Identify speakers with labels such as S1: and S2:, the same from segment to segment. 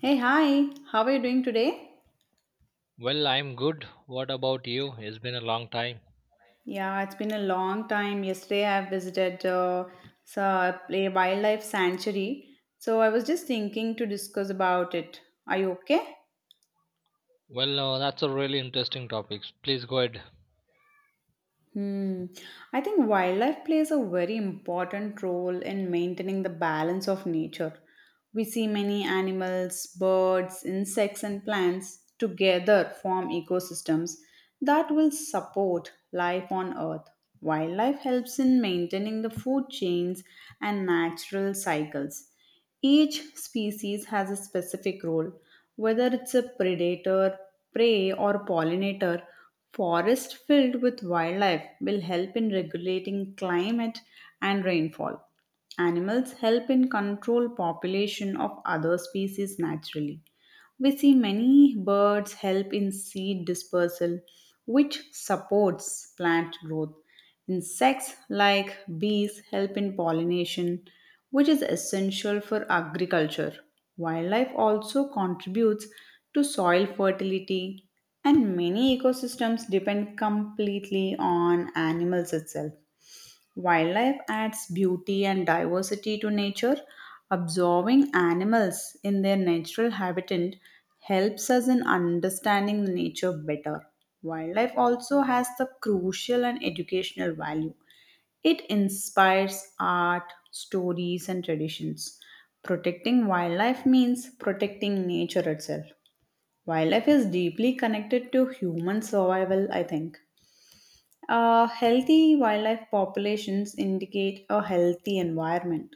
S1: Hey, hi. How are you doing today?
S2: Well, I'm good. What about you? It's been a long time.
S1: Yeah, it's been a long time. Yesterday, I visited a wildlife sanctuary. So I was just thinking to discuss about it. Are you okay?
S2: Well, that's a really interesting topic. Please go ahead.
S1: Hmm. I think wildlife plays a very important role in maintaining the balance of nature. We see many animals, birds, insects, and plants together form ecosystems that will support life on Earth. Wildlife helps in maintaining the food chains and natural cycles. Each species has a specific role, whether it's a predator, prey, or pollinator. Forests filled with wildlife will help in regulating climate and rainfall. Animals help in control population of other species naturally. We see many birds help in seed dispersal, which supports plant growth. Insects like bees help in pollination, which is essential for agriculture. Wildlife also contributes to soil fertility, and many ecosystems depend completely on animals itself. Wildlife adds beauty and diversity to nature. Observing animals in their natural habitat helps us in understanding nature better. Wildlife also has the crucial and educational value. It inspires art, stories, and traditions. Protecting wildlife means protecting nature itself. Wildlife is deeply connected to human survival, I think. Healthy wildlife populations indicate a healthy environment.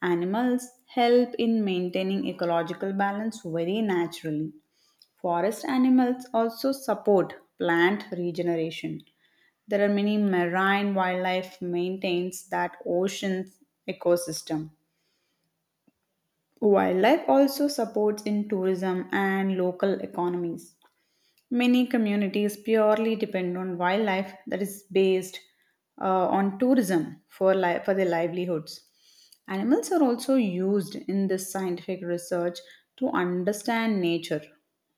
S1: Animals help in maintaining ecological balance very naturally. Forest animals also support plant regeneration. There are many marine wildlife maintains that ocean ecosystem. Wildlife also supports in tourism and local economies. Many communities purely depend on wildlife that is based on tourism for, for their livelihoods. Animals are also used in this scientific research to understand nature.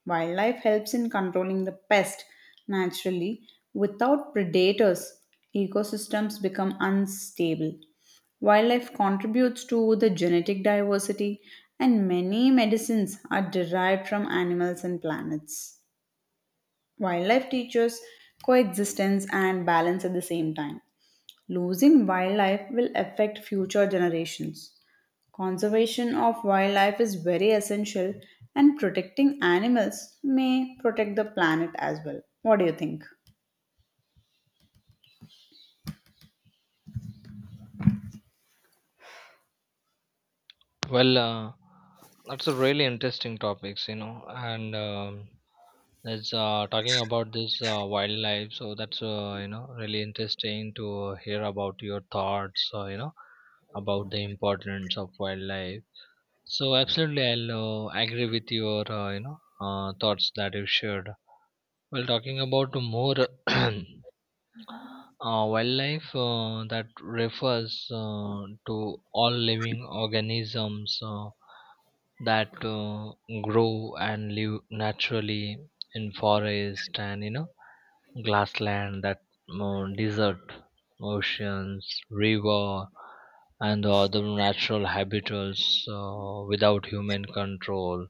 S1: Wildlife helps in controlling the pest naturally. Without predators, ecosystems become unstable. Wildlife contributes to the genetic diversity, and many medicines are derived from animals and planets. Wildlife teaches coexistence and balance at the same time. Losing wildlife will affect future generations. Conservation of wildlife is very essential, and protecting animals may protect the planet as well. What do you think?
S2: Well, that's a really interesting topics, you know, and it's talking about this wildlife. So that's really interesting to hear about your thoughts, about the importance of wildlife. So absolutely, I'll agree with your thoughts that you shared. Well, talking about more. Wildlife that refers to all living organisms that grow and live naturally in forest and you know grassland that desert, oceans, river, and the other natural habitats without human control,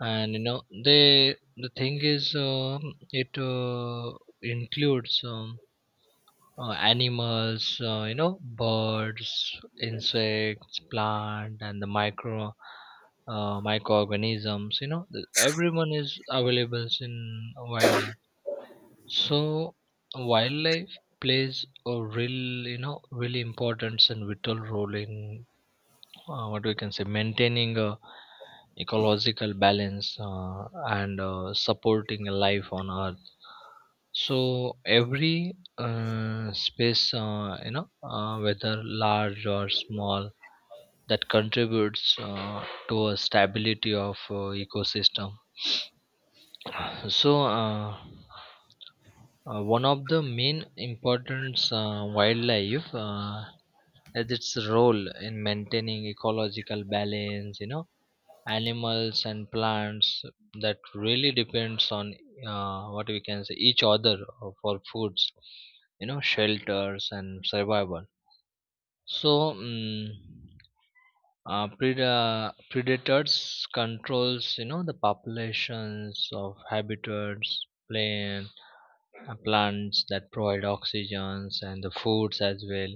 S2: and you know they the thing is it includes animals, birds, insects, plant, and the micro microorganisms. You know, everyone is available in wildlife. So wildlife plays a real, you know, really important and vital role in what we can say maintaining a ecological balance and supporting life on earth. So every space, whether large or small, that contributes to a stability of ecosystem. So, one of the main importance wildlife as its role in maintaining ecological balance. You know, animals and plants that really depends on what we can say each other for foods, you know, shelters, and survival. So predators controls, you know, the populations of habitats, plains. Plants that provide oxygens and the foods as well,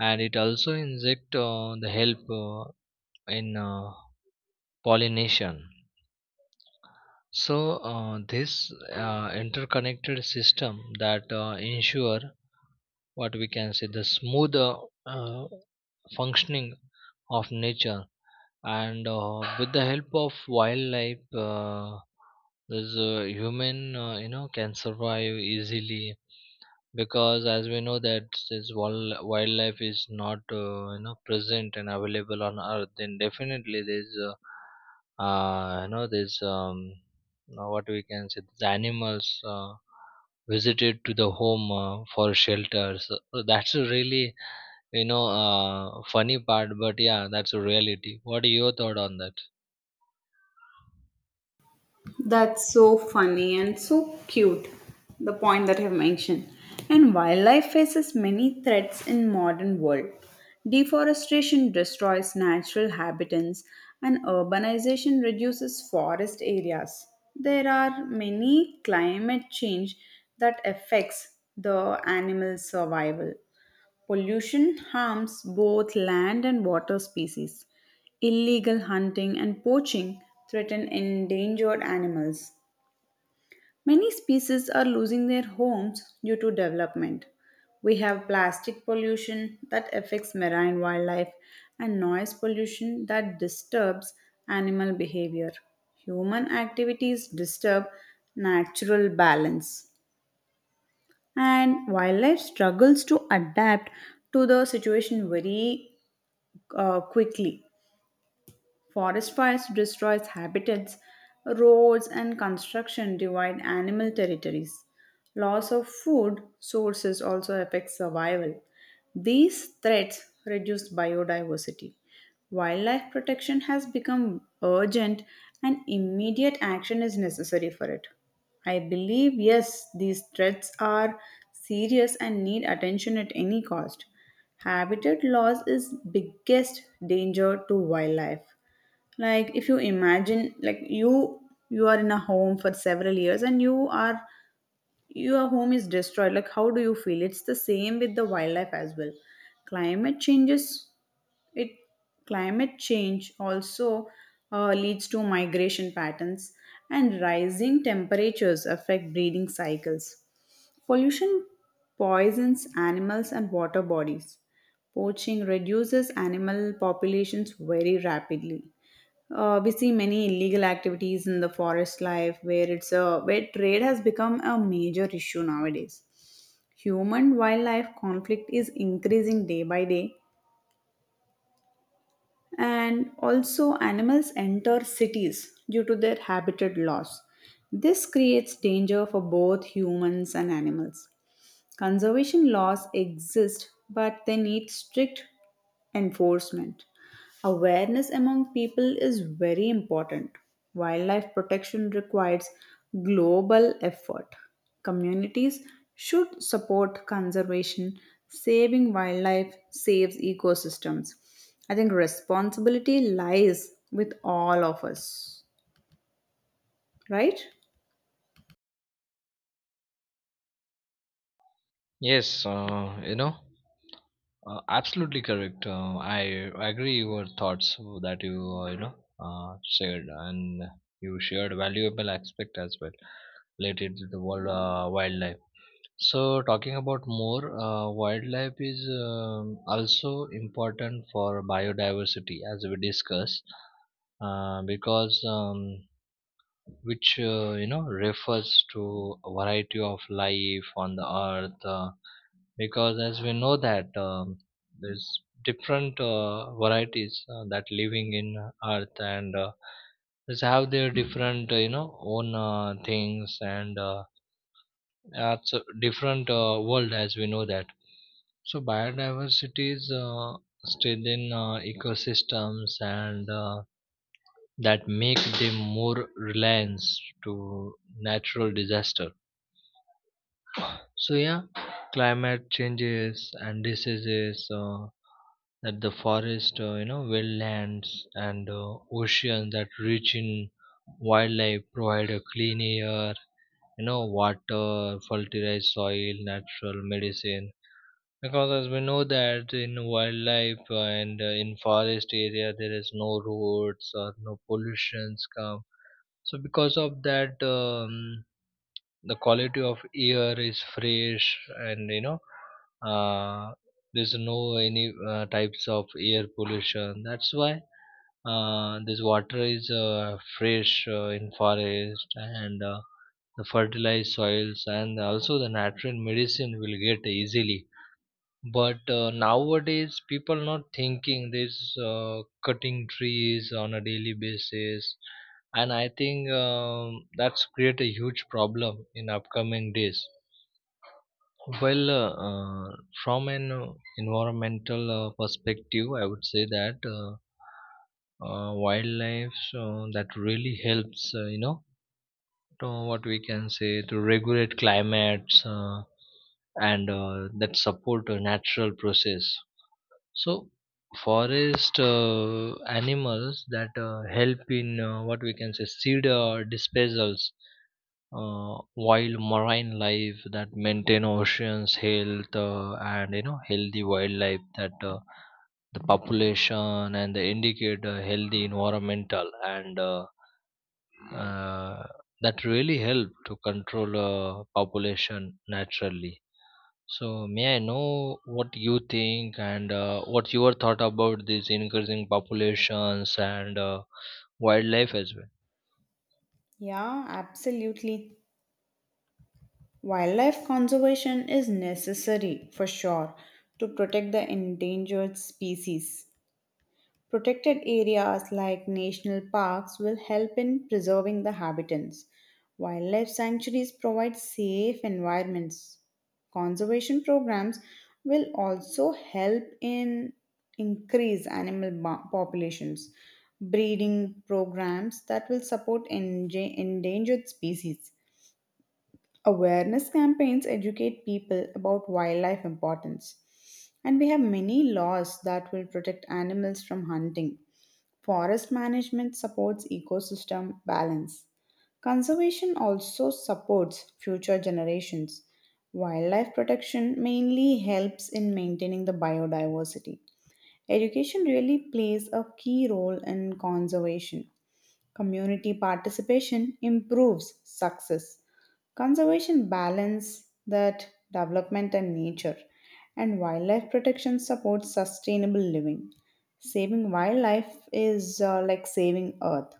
S2: and it also inject the help in pollination. So this interconnected system that ensure, what we can say, the smooth uh, functioning of nature. And with the help of wildlife, this human, can survive easily. Because as we know that this wildlife is not, present and available on earth, then definitely there's you know there's now, what we can say, these animals visited to the home for shelter. So that's a really, funny part, but yeah, that's a reality. What are your thought on that?
S1: That's so funny and so cute, the point that you've mentioned. And wildlife faces many threats in modern world. Deforestation destroys natural habitats and urbanization reduces forest areas. There are many climate change that affects the animal survival. Pollution harms both land and water species. Illegal hunting and poaching threaten endangered animals. Many species are losing their homes due to development. We have plastic pollution that affects marine wildlife and noise pollution that disturbs animal behavior. Human activities disturb natural balance and wildlife struggles to adapt to the situation very quickly. Forest fires destroys habitats, roads and construction divide animal territories. Loss of food sources also affects survival. These threats reduce biodiversity. Wildlife protection has become urgent and immediate action is necessary for it. I believe, yes, these threats are serious and need attention at any cost. Habitat loss is biggest danger to wildlife. Like if you imagine like you are in a home for several years and you are your home is destroyed, like how do you feel? It's the same with the wildlife as well. Climate changes, it climate change also leads to migration patterns, and rising temperatures affect breeding cycles. Pollution poisons animals and water bodies. Poaching reduces animal populations very rapidly. We see many illegal activities in the forest life where it's a where trade has become a major issue nowadays. Human wildlife conflict is increasing day by day, and also animals enter cities due to their habitat loss. This creates danger for both humans and animals. Conservation laws exist, but they need strict enforcement. Awareness among people is very important. Wildlife protection requires global effort. Communities should support conservation. Saving wildlife saves ecosystems. I think responsibility lies with all of us, right?
S2: Yes, absolutely correct. I agree your thoughts that you you know shared, and you shared valuable aspect as well related to the world wildlife. So talking about more, wildlife is also important for biodiversity, as we discussed, because which, refers to a variety of life on the earth. Because as we know that, there's different varieties that living in earth, and just have their different, own things, and that's a different world, as we know that. So biodiversity is still in ecosystems, and that make them more reliance to natural disaster. So yeah, climate changes and diseases that the forest, wetlands, and ocean that rich in wildlife provide a clean air, you know, water, fertilized soil, natural medicine. Because as we know that in wildlife, and in forest area, there is no roads or no pollutions come. So because of that, the quality of air is fresh, and you know, uh, there's no any types of air pollution. That's why this water is fresh in forest, and the fertilized soils and also the natural medicine will get easily. But nowadays, people not thinking this, cutting trees on a daily basis, and I think, that's create a huge problem in upcoming days. Well, from an environmental perspective, I would say that wildlife that really helps, to, what we can say, to regulate climates, and that support a natural process. So, forest animals that help in, what we can say, seed disposals, wild marine life that maintain oceans health. And you know, healthy wildlife, that the population, and they indicate a healthy environmental, and uh, that really help to control population naturally. So may I know what you think, and what's your thought about these increasing populations and wildlife as
S1: Yeah, absolutely. Wildlife conservation is necessary for sure to protect the endangered species. Protected areas like national parks will help in preserving the habitats. Wildlife sanctuaries provide safe environments. Conservation programs will also help in increase populations. Breeding programs that will support endangered species. Awareness campaigns educate people about wildlife importance. And we have many laws that will protect animals from hunting. Forest management supports ecosystem balance. Conservation also supports future generations. Wildlife protection mainly helps in maintaining the biodiversity. Education really plays a key role in conservation. Community participation improves success. Conservation balance that development and nature, and wildlife protection supports sustainable living. Saving wildlife is like saving earth.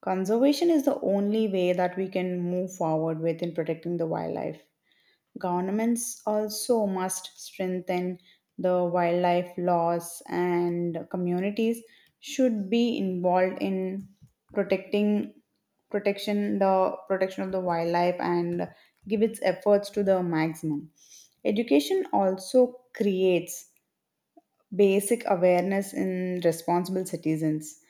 S1: Conservation is the only way that we can move forward with in protecting the wildlife. Governments also must strengthen the wildlife laws, and communities should be involved in protecting protection the protection of the wildlife and give its efforts to the maximum. Education also creates basic awareness in responsible citizens.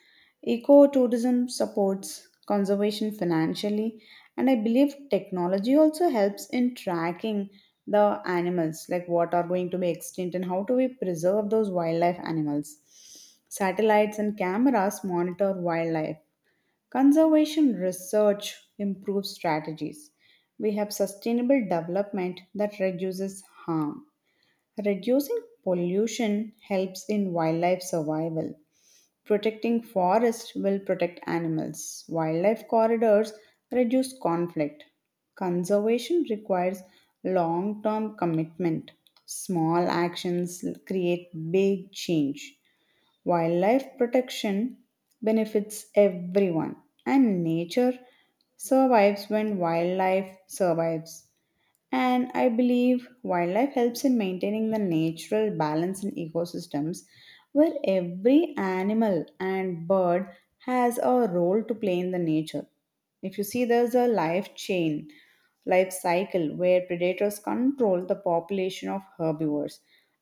S1: Ecotourism supports conservation financially, and I believe technology also helps in tracking the animals, like what are going to be extinct and how do we preserve those wildlife animals. Satellites and cameras monitor wildlife. Conservation research improves strategies. We have sustainable development that reduces harm. Reducing pollution helps in wildlife survival. Protecting forests will protect animals. Wildlife corridors reduce conflict. Conservation requires long term commitment. Small actions create big change. Wildlife protection benefits everyone, and nature survives when wildlife survives. And I believe wildlife helps in maintaining the natural balance in ecosystems where every animal and bird has a role to play in the nature. If you see, there's a life cycle where predators control the population of herbivores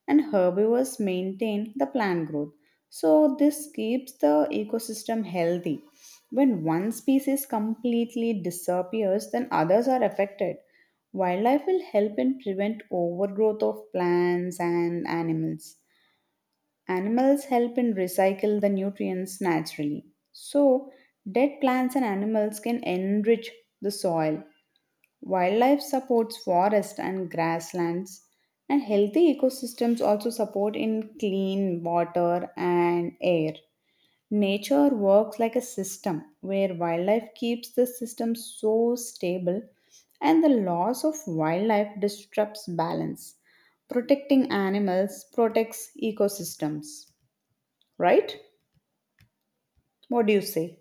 S1: and herbivores maintain the plant growth. So, this keeps the ecosystem healthy. When one species completely disappears, then others are affected. Wildlife will help in prevent overgrowth of plants and animals. Animals help in recycle the nutrients naturally. So, dead plants and animals can enrich the soil. Wildlife supports forest and grasslands, and healthy ecosystems also support in clean water and air. Nature works like a system where wildlife keeps the system so stable, and the loss of wildlife disrupts balance. Protecting animals protects ecosystems, right? What do you say?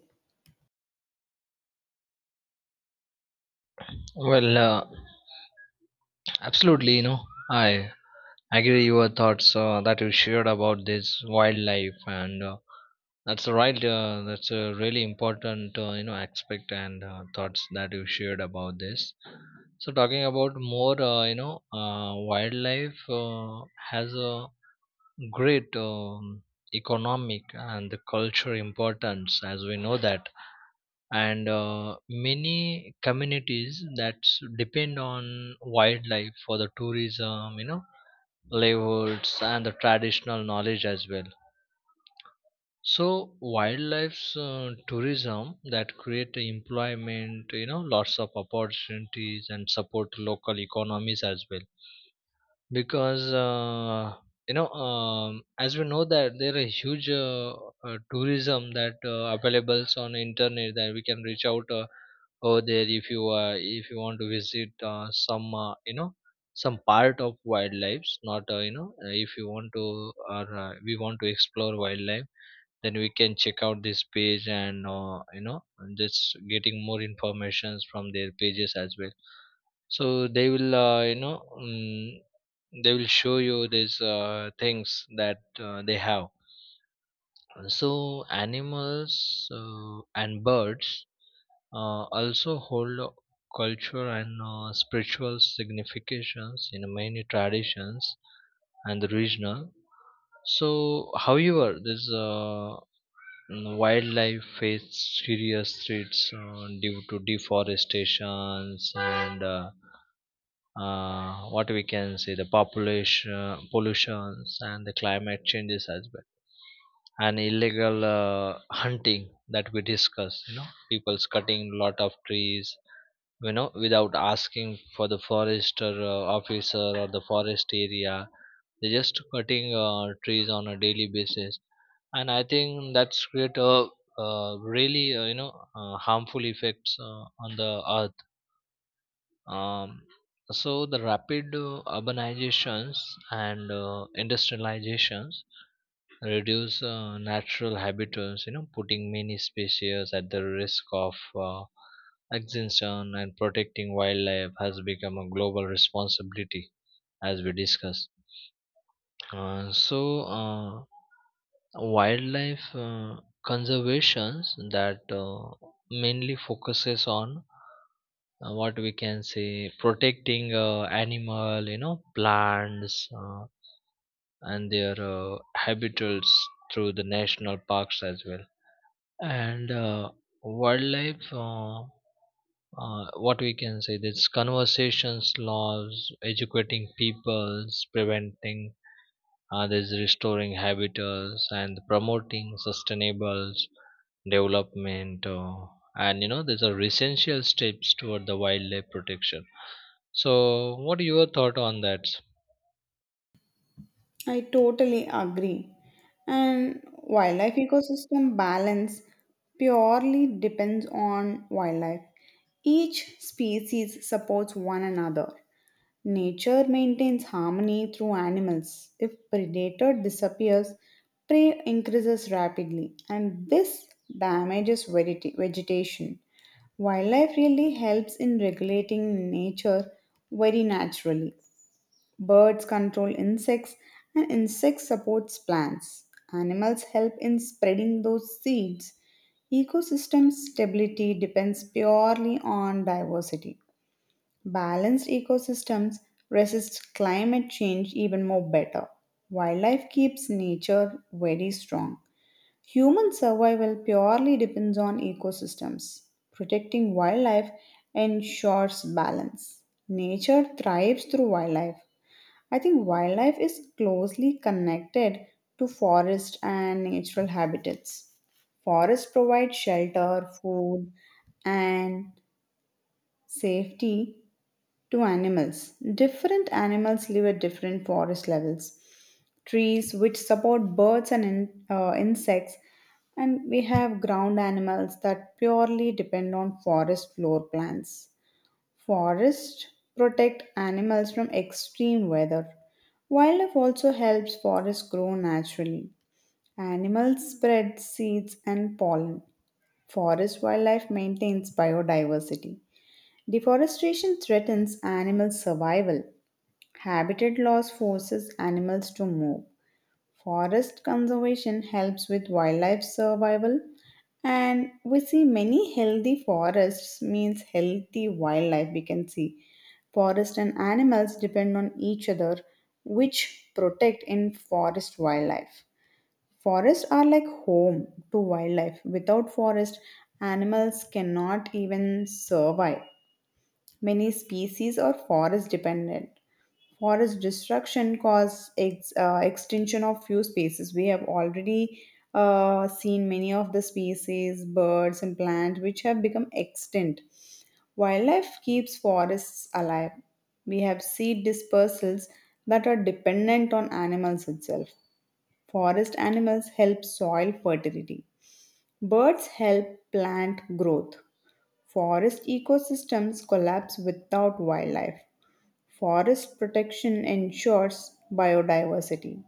S2: well? Well, absolutely. You know, I agree your thoughts that you shared about this wildlife, and that's right. That's a really important, aspect and thoughts that you shared about this. So talking about more, wildlife has a great, economic and the cultural importance, as we know that, and many communities that depend on wildlife for the tourism, you know, livelihoods, and the traditional knowledge as well. So wildlife tourism that create employment, you know, lots of opportunities, and support local economies as well. Because as we know that, there are huge tourism that available on internet that we can reach out over there. If you if you want to visit some, some part of wildlife. Not if you want to, or we want to explore wildlife, then we can check out this page, and and just getting more informations from their pages as well. So they will, they will show you these things that they have. So animals and birds also hold a culture and spiritual significations in many traditions and the regional. So however this, wildlife face serious threats due to deforestations, and what we can say, the population pollutions and the climate changes as well, and illegal hunting that we discussed. You know, people's cutting lot of trees, you know, without asking for the forester officer or the forest area. They're just cutting trees on a daily basis, and I think that's create a really, harmful effects on the earth. um, so the rapid urbanizations and industrializations reduce natural habitats, you know, putting many species at the risk of extinction, and protecting wildlife has become a global responsibility, as we discussed. So, wildlife conservations that mainly focuses on, what we can say, protecting animal, you know, plants and their habitats through the national parks as well, and wildlife, what we can say, this conversations laws, educating peoples, preventing this, restoring habitats, and promoting sustainable development, and you know, these are essential steps toward the wildlife protection. So, what are your thought on that?
S1: I totally agree. And wildlife ecosystem balance purely depends on wildlife. Each species supports one another. Nature maintains harmony through animals. If predator disappears, prey increases rapidly, and this damages vegetation. Wildlife really helps in regulating nature very naturally. Birds control insects, and insects supports plants. Animals help in spreading those seeds. Ecosystem stability depends purely on diversity. Balanced ecosystems resist climate change even more better. Wildlife keeps nature very strong. Human survival purely depends on ecosystems. Protecting wildlife ensures balance. Nature thrives through wildlife. I think wildlife is closely connected to forest and natural habitats. Forests provide shelter, food, and safety to animals. Different animals live at different forest levels. Trees, which support birds and insects, and we have ground animals that purely depend on forest floor plans. Forests protect animals from extreme weather. Wildlife also helps forests grow naturally. Animals spread seeds and pollen. Forest wildlife maintains biodiversity. Deforestation threatens animal survival. Habitat loss forces animals to move. Forest conservation helps with wildlife survival. And we see many healthy forests means healthy wildlife. We can see forest and animals depend on each other, which protect in forest wildlife. Forests are like home to wildlife. Without forest, animals cannot even survive. Many species are forest dependent. Forest destruction causes extinction of few species. We have already seen many of the species, birds and plants, which have become extinct. Wildlife keeps forests alive. We have seed dispersals that are dependent on animals itself. Forest animals help soil fertility. Birds help plant growth. Forest ecosystems collapse without wildlife. Forest protection ensures biodiversity.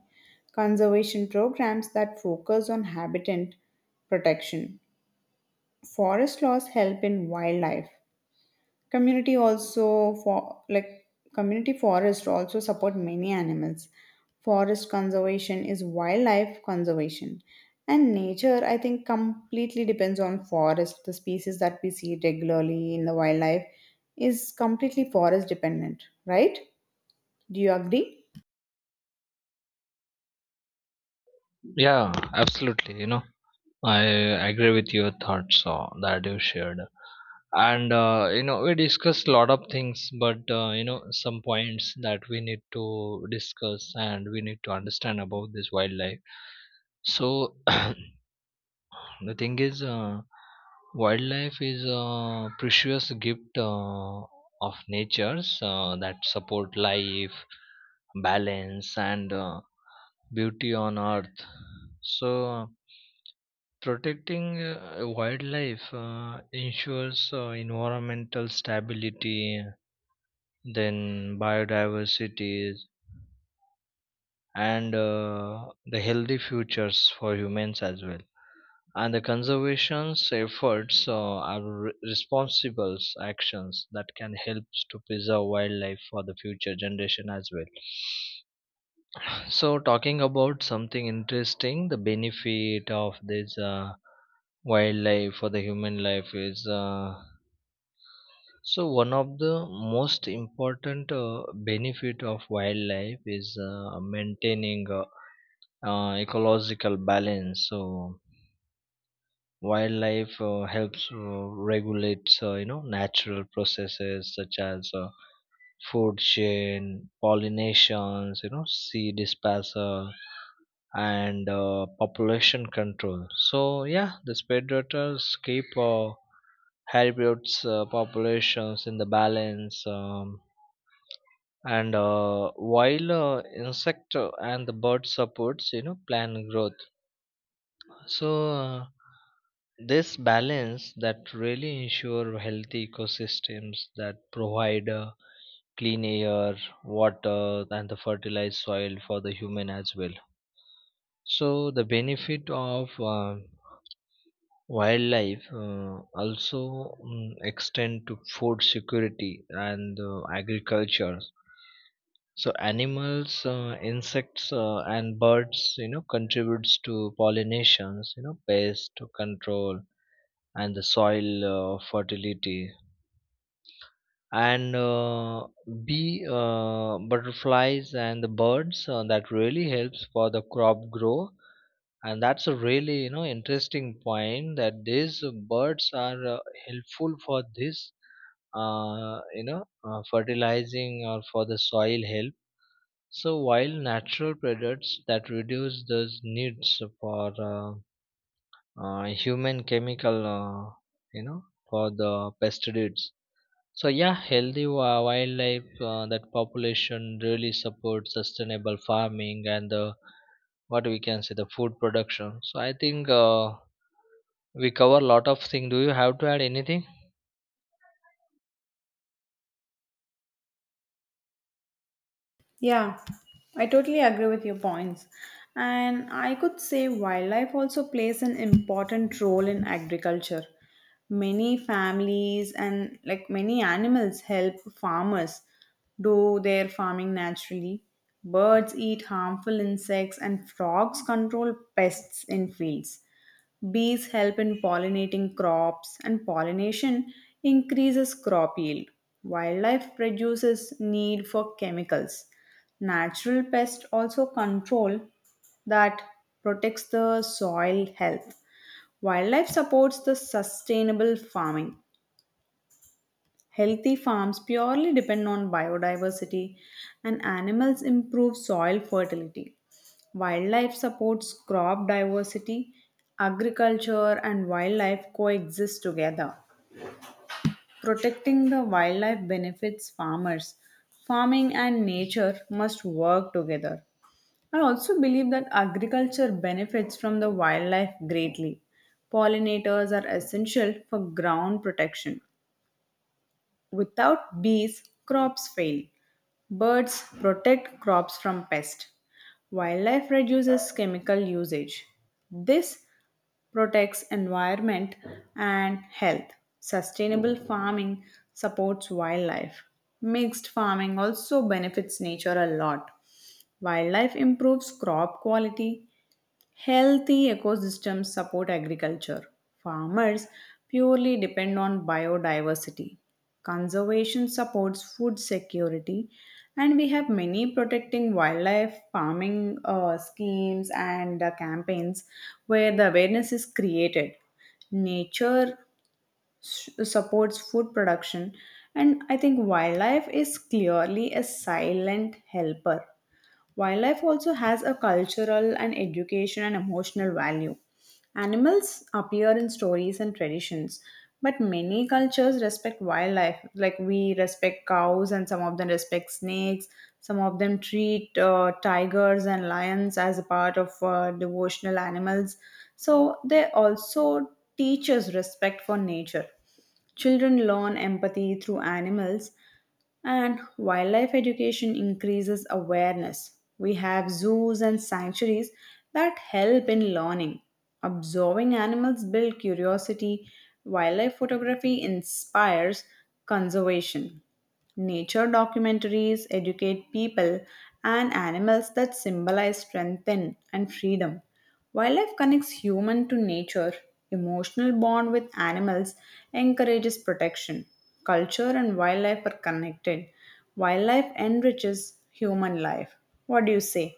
S1: Conservation programs that focus on habitat protection. Forest laws help in wildlife. Community also for like community forest also support many animals. Forest conservation is wildlife conservation. And nature, I think, completely depends on forest. The species that we see regularly in the wildlife is completely forest dependent, right? Do you agree?
S2: Yeah, absolutely. You know, I agree with your thoughts that you shared. And, you know, we discussed a lot of things, but, you know, some points that we need to discuss and we need to understand about this wildlife. So, the thing is, wildlife is a precious gift of nature's that support life, balance, and beauty on earth. So, protecting wildlife ensures environmental stability, then biodiversity, and the healthy futures for humans as well. And the conservation efforts are responsible actions that can help to preserve wildlife for the future generation as well. So talking about something interesting, the benefit of this wildlife for the human life is, so one of the most important benefit of wildlife is maintaining ecological balance. So wildlife helps regulate, you know, natural processes, such as food chain, pollinations, you know, seed dispersal, and population control. So yeah, the spade rotors keep herbivores populations in the balance, and while insect and the bird supports, you know, plant growth. So, this balance that really ensure healthy ecosystems that provide clean air, water, and the fertilized soil for the human as well. So, the benefit of wildlife also extend to food security and agriculture. So, animals, insects, and birds, you know, contributes to pollinations, you know, pest control, and the soil fertility, and bee, butterflies, and the birds that really helps for the crop grow. And that's a really, you know, interesting point that these birds are helpful for this, fertilizing, or for the soil help. So while natural products that reduce those needs for uh, human chemical, you know for the pesticides. So yeah, healthy wildlife that population really supports sustainable farming and the, what we can say, the food production. So I think we cover a lot of things. Do you have to add anything?
S1: Yeah, I totally agree with your points. And I could say wildlife also plays an important role in agriculture. Many families and like many animals help farmers do their farming naturally. Birds eat harmful insects and frogs control pests in fields. Bees help in pollinating crops, and pollination increases crop yield. Wildlife reduces need for chemicals. Natural pests also control that protects the soil health. Wildlife supports the sustainable farming. Healthy farms purely depend on biodiversity and animals improve soil fertility. Wildlife supports crop diversity. Agriculture and wildlife coexist together. Protecting the wildlife benefits farmers. Farming and nature must work together. I also believe that agriculture benefits from the wildlife greatly. Pollinators are essential for ground protection. Without bees, crops fail. Birds protect crops from pests. Wildlife reduces chemical usage. This protects environment and health. Sustainable farming supports wildlife. Mixed farming also benefits nature a lot. Wildlife improves crop quality. Healthy ecosystems support agriculture. Farmers purely depend on biodiversity. Conservation supports food security. And we have many protecting wildlife farming schemes and campaigns where the awareness is created. Nature supports food production. And I think wildlife is clearly a silent helper. Wildlife also has a cultural and education and emotional value. Animals appear in stories and traditions, but many cultures respect wildlife. Like we respect cows, and some of them respect snakes. Some of them treat tigers and lions as a part of devotional animals. So they also teach us respect for nature. Children learn empathy through animals, and wildlife education increases awareness. We have zoos and sanctuaries that help in learning. Observing animals builds curiosity. Wildlife photography inspires conservation. Nature documentaries educate people and animals that symbolize strength and freedom. Wildlife connects human to nature, emotional bond with animals, encourages protection. Culture and wildlife are connected. Wildlife enriches human life. What do you say?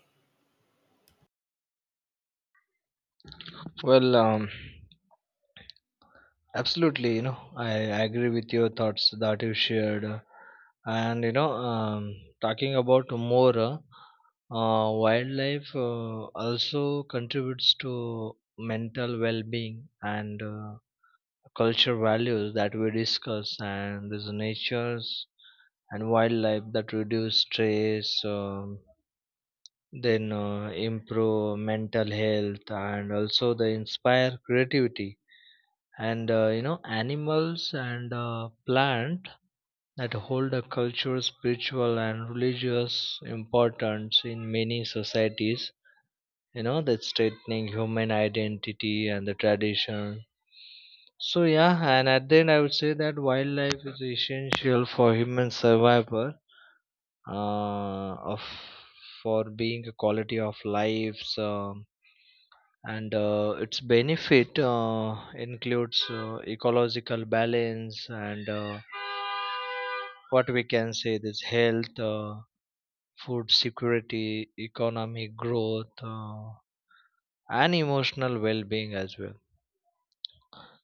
S2: Well, absolutely. You know, I agree with your thoughts that you shared, and you know, talking about more wildlife also contributes to mental well-being and. Culture values that we discuss, and there's natures and wildlife that reduce stress, then improve mental health, and also they inspire creativity, and you know, animals and plant that hold a cultural, spiritual, and religious importance in many societies. You know, that's strengthening human identity and the tradition. So yeah, and at the end, I would say that wildlife is essential for human survival, of for being a quality of lives, and its benefit includes ecological balance, and what we can say, this health, food security, economic growth, and emotional well-being as well.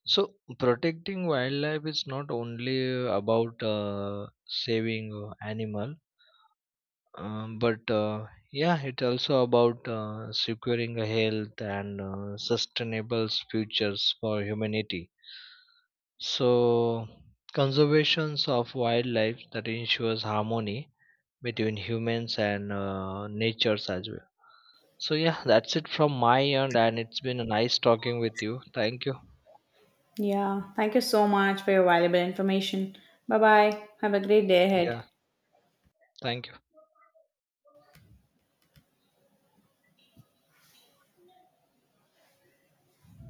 S2: So protecting wildlife is not only about saving animal, but yeah, it's also about securing a health and sustainable futures for humanity. So conservations of wildlife that ensures harmony between humans and natures as well. So yeah, that's it from my end, and it's been a nice talking with you. Thank you.
S1: Yeah, thank you so much for your valuable information. Bye bye. Have a great day ahead.
S2: Yeah, thank you.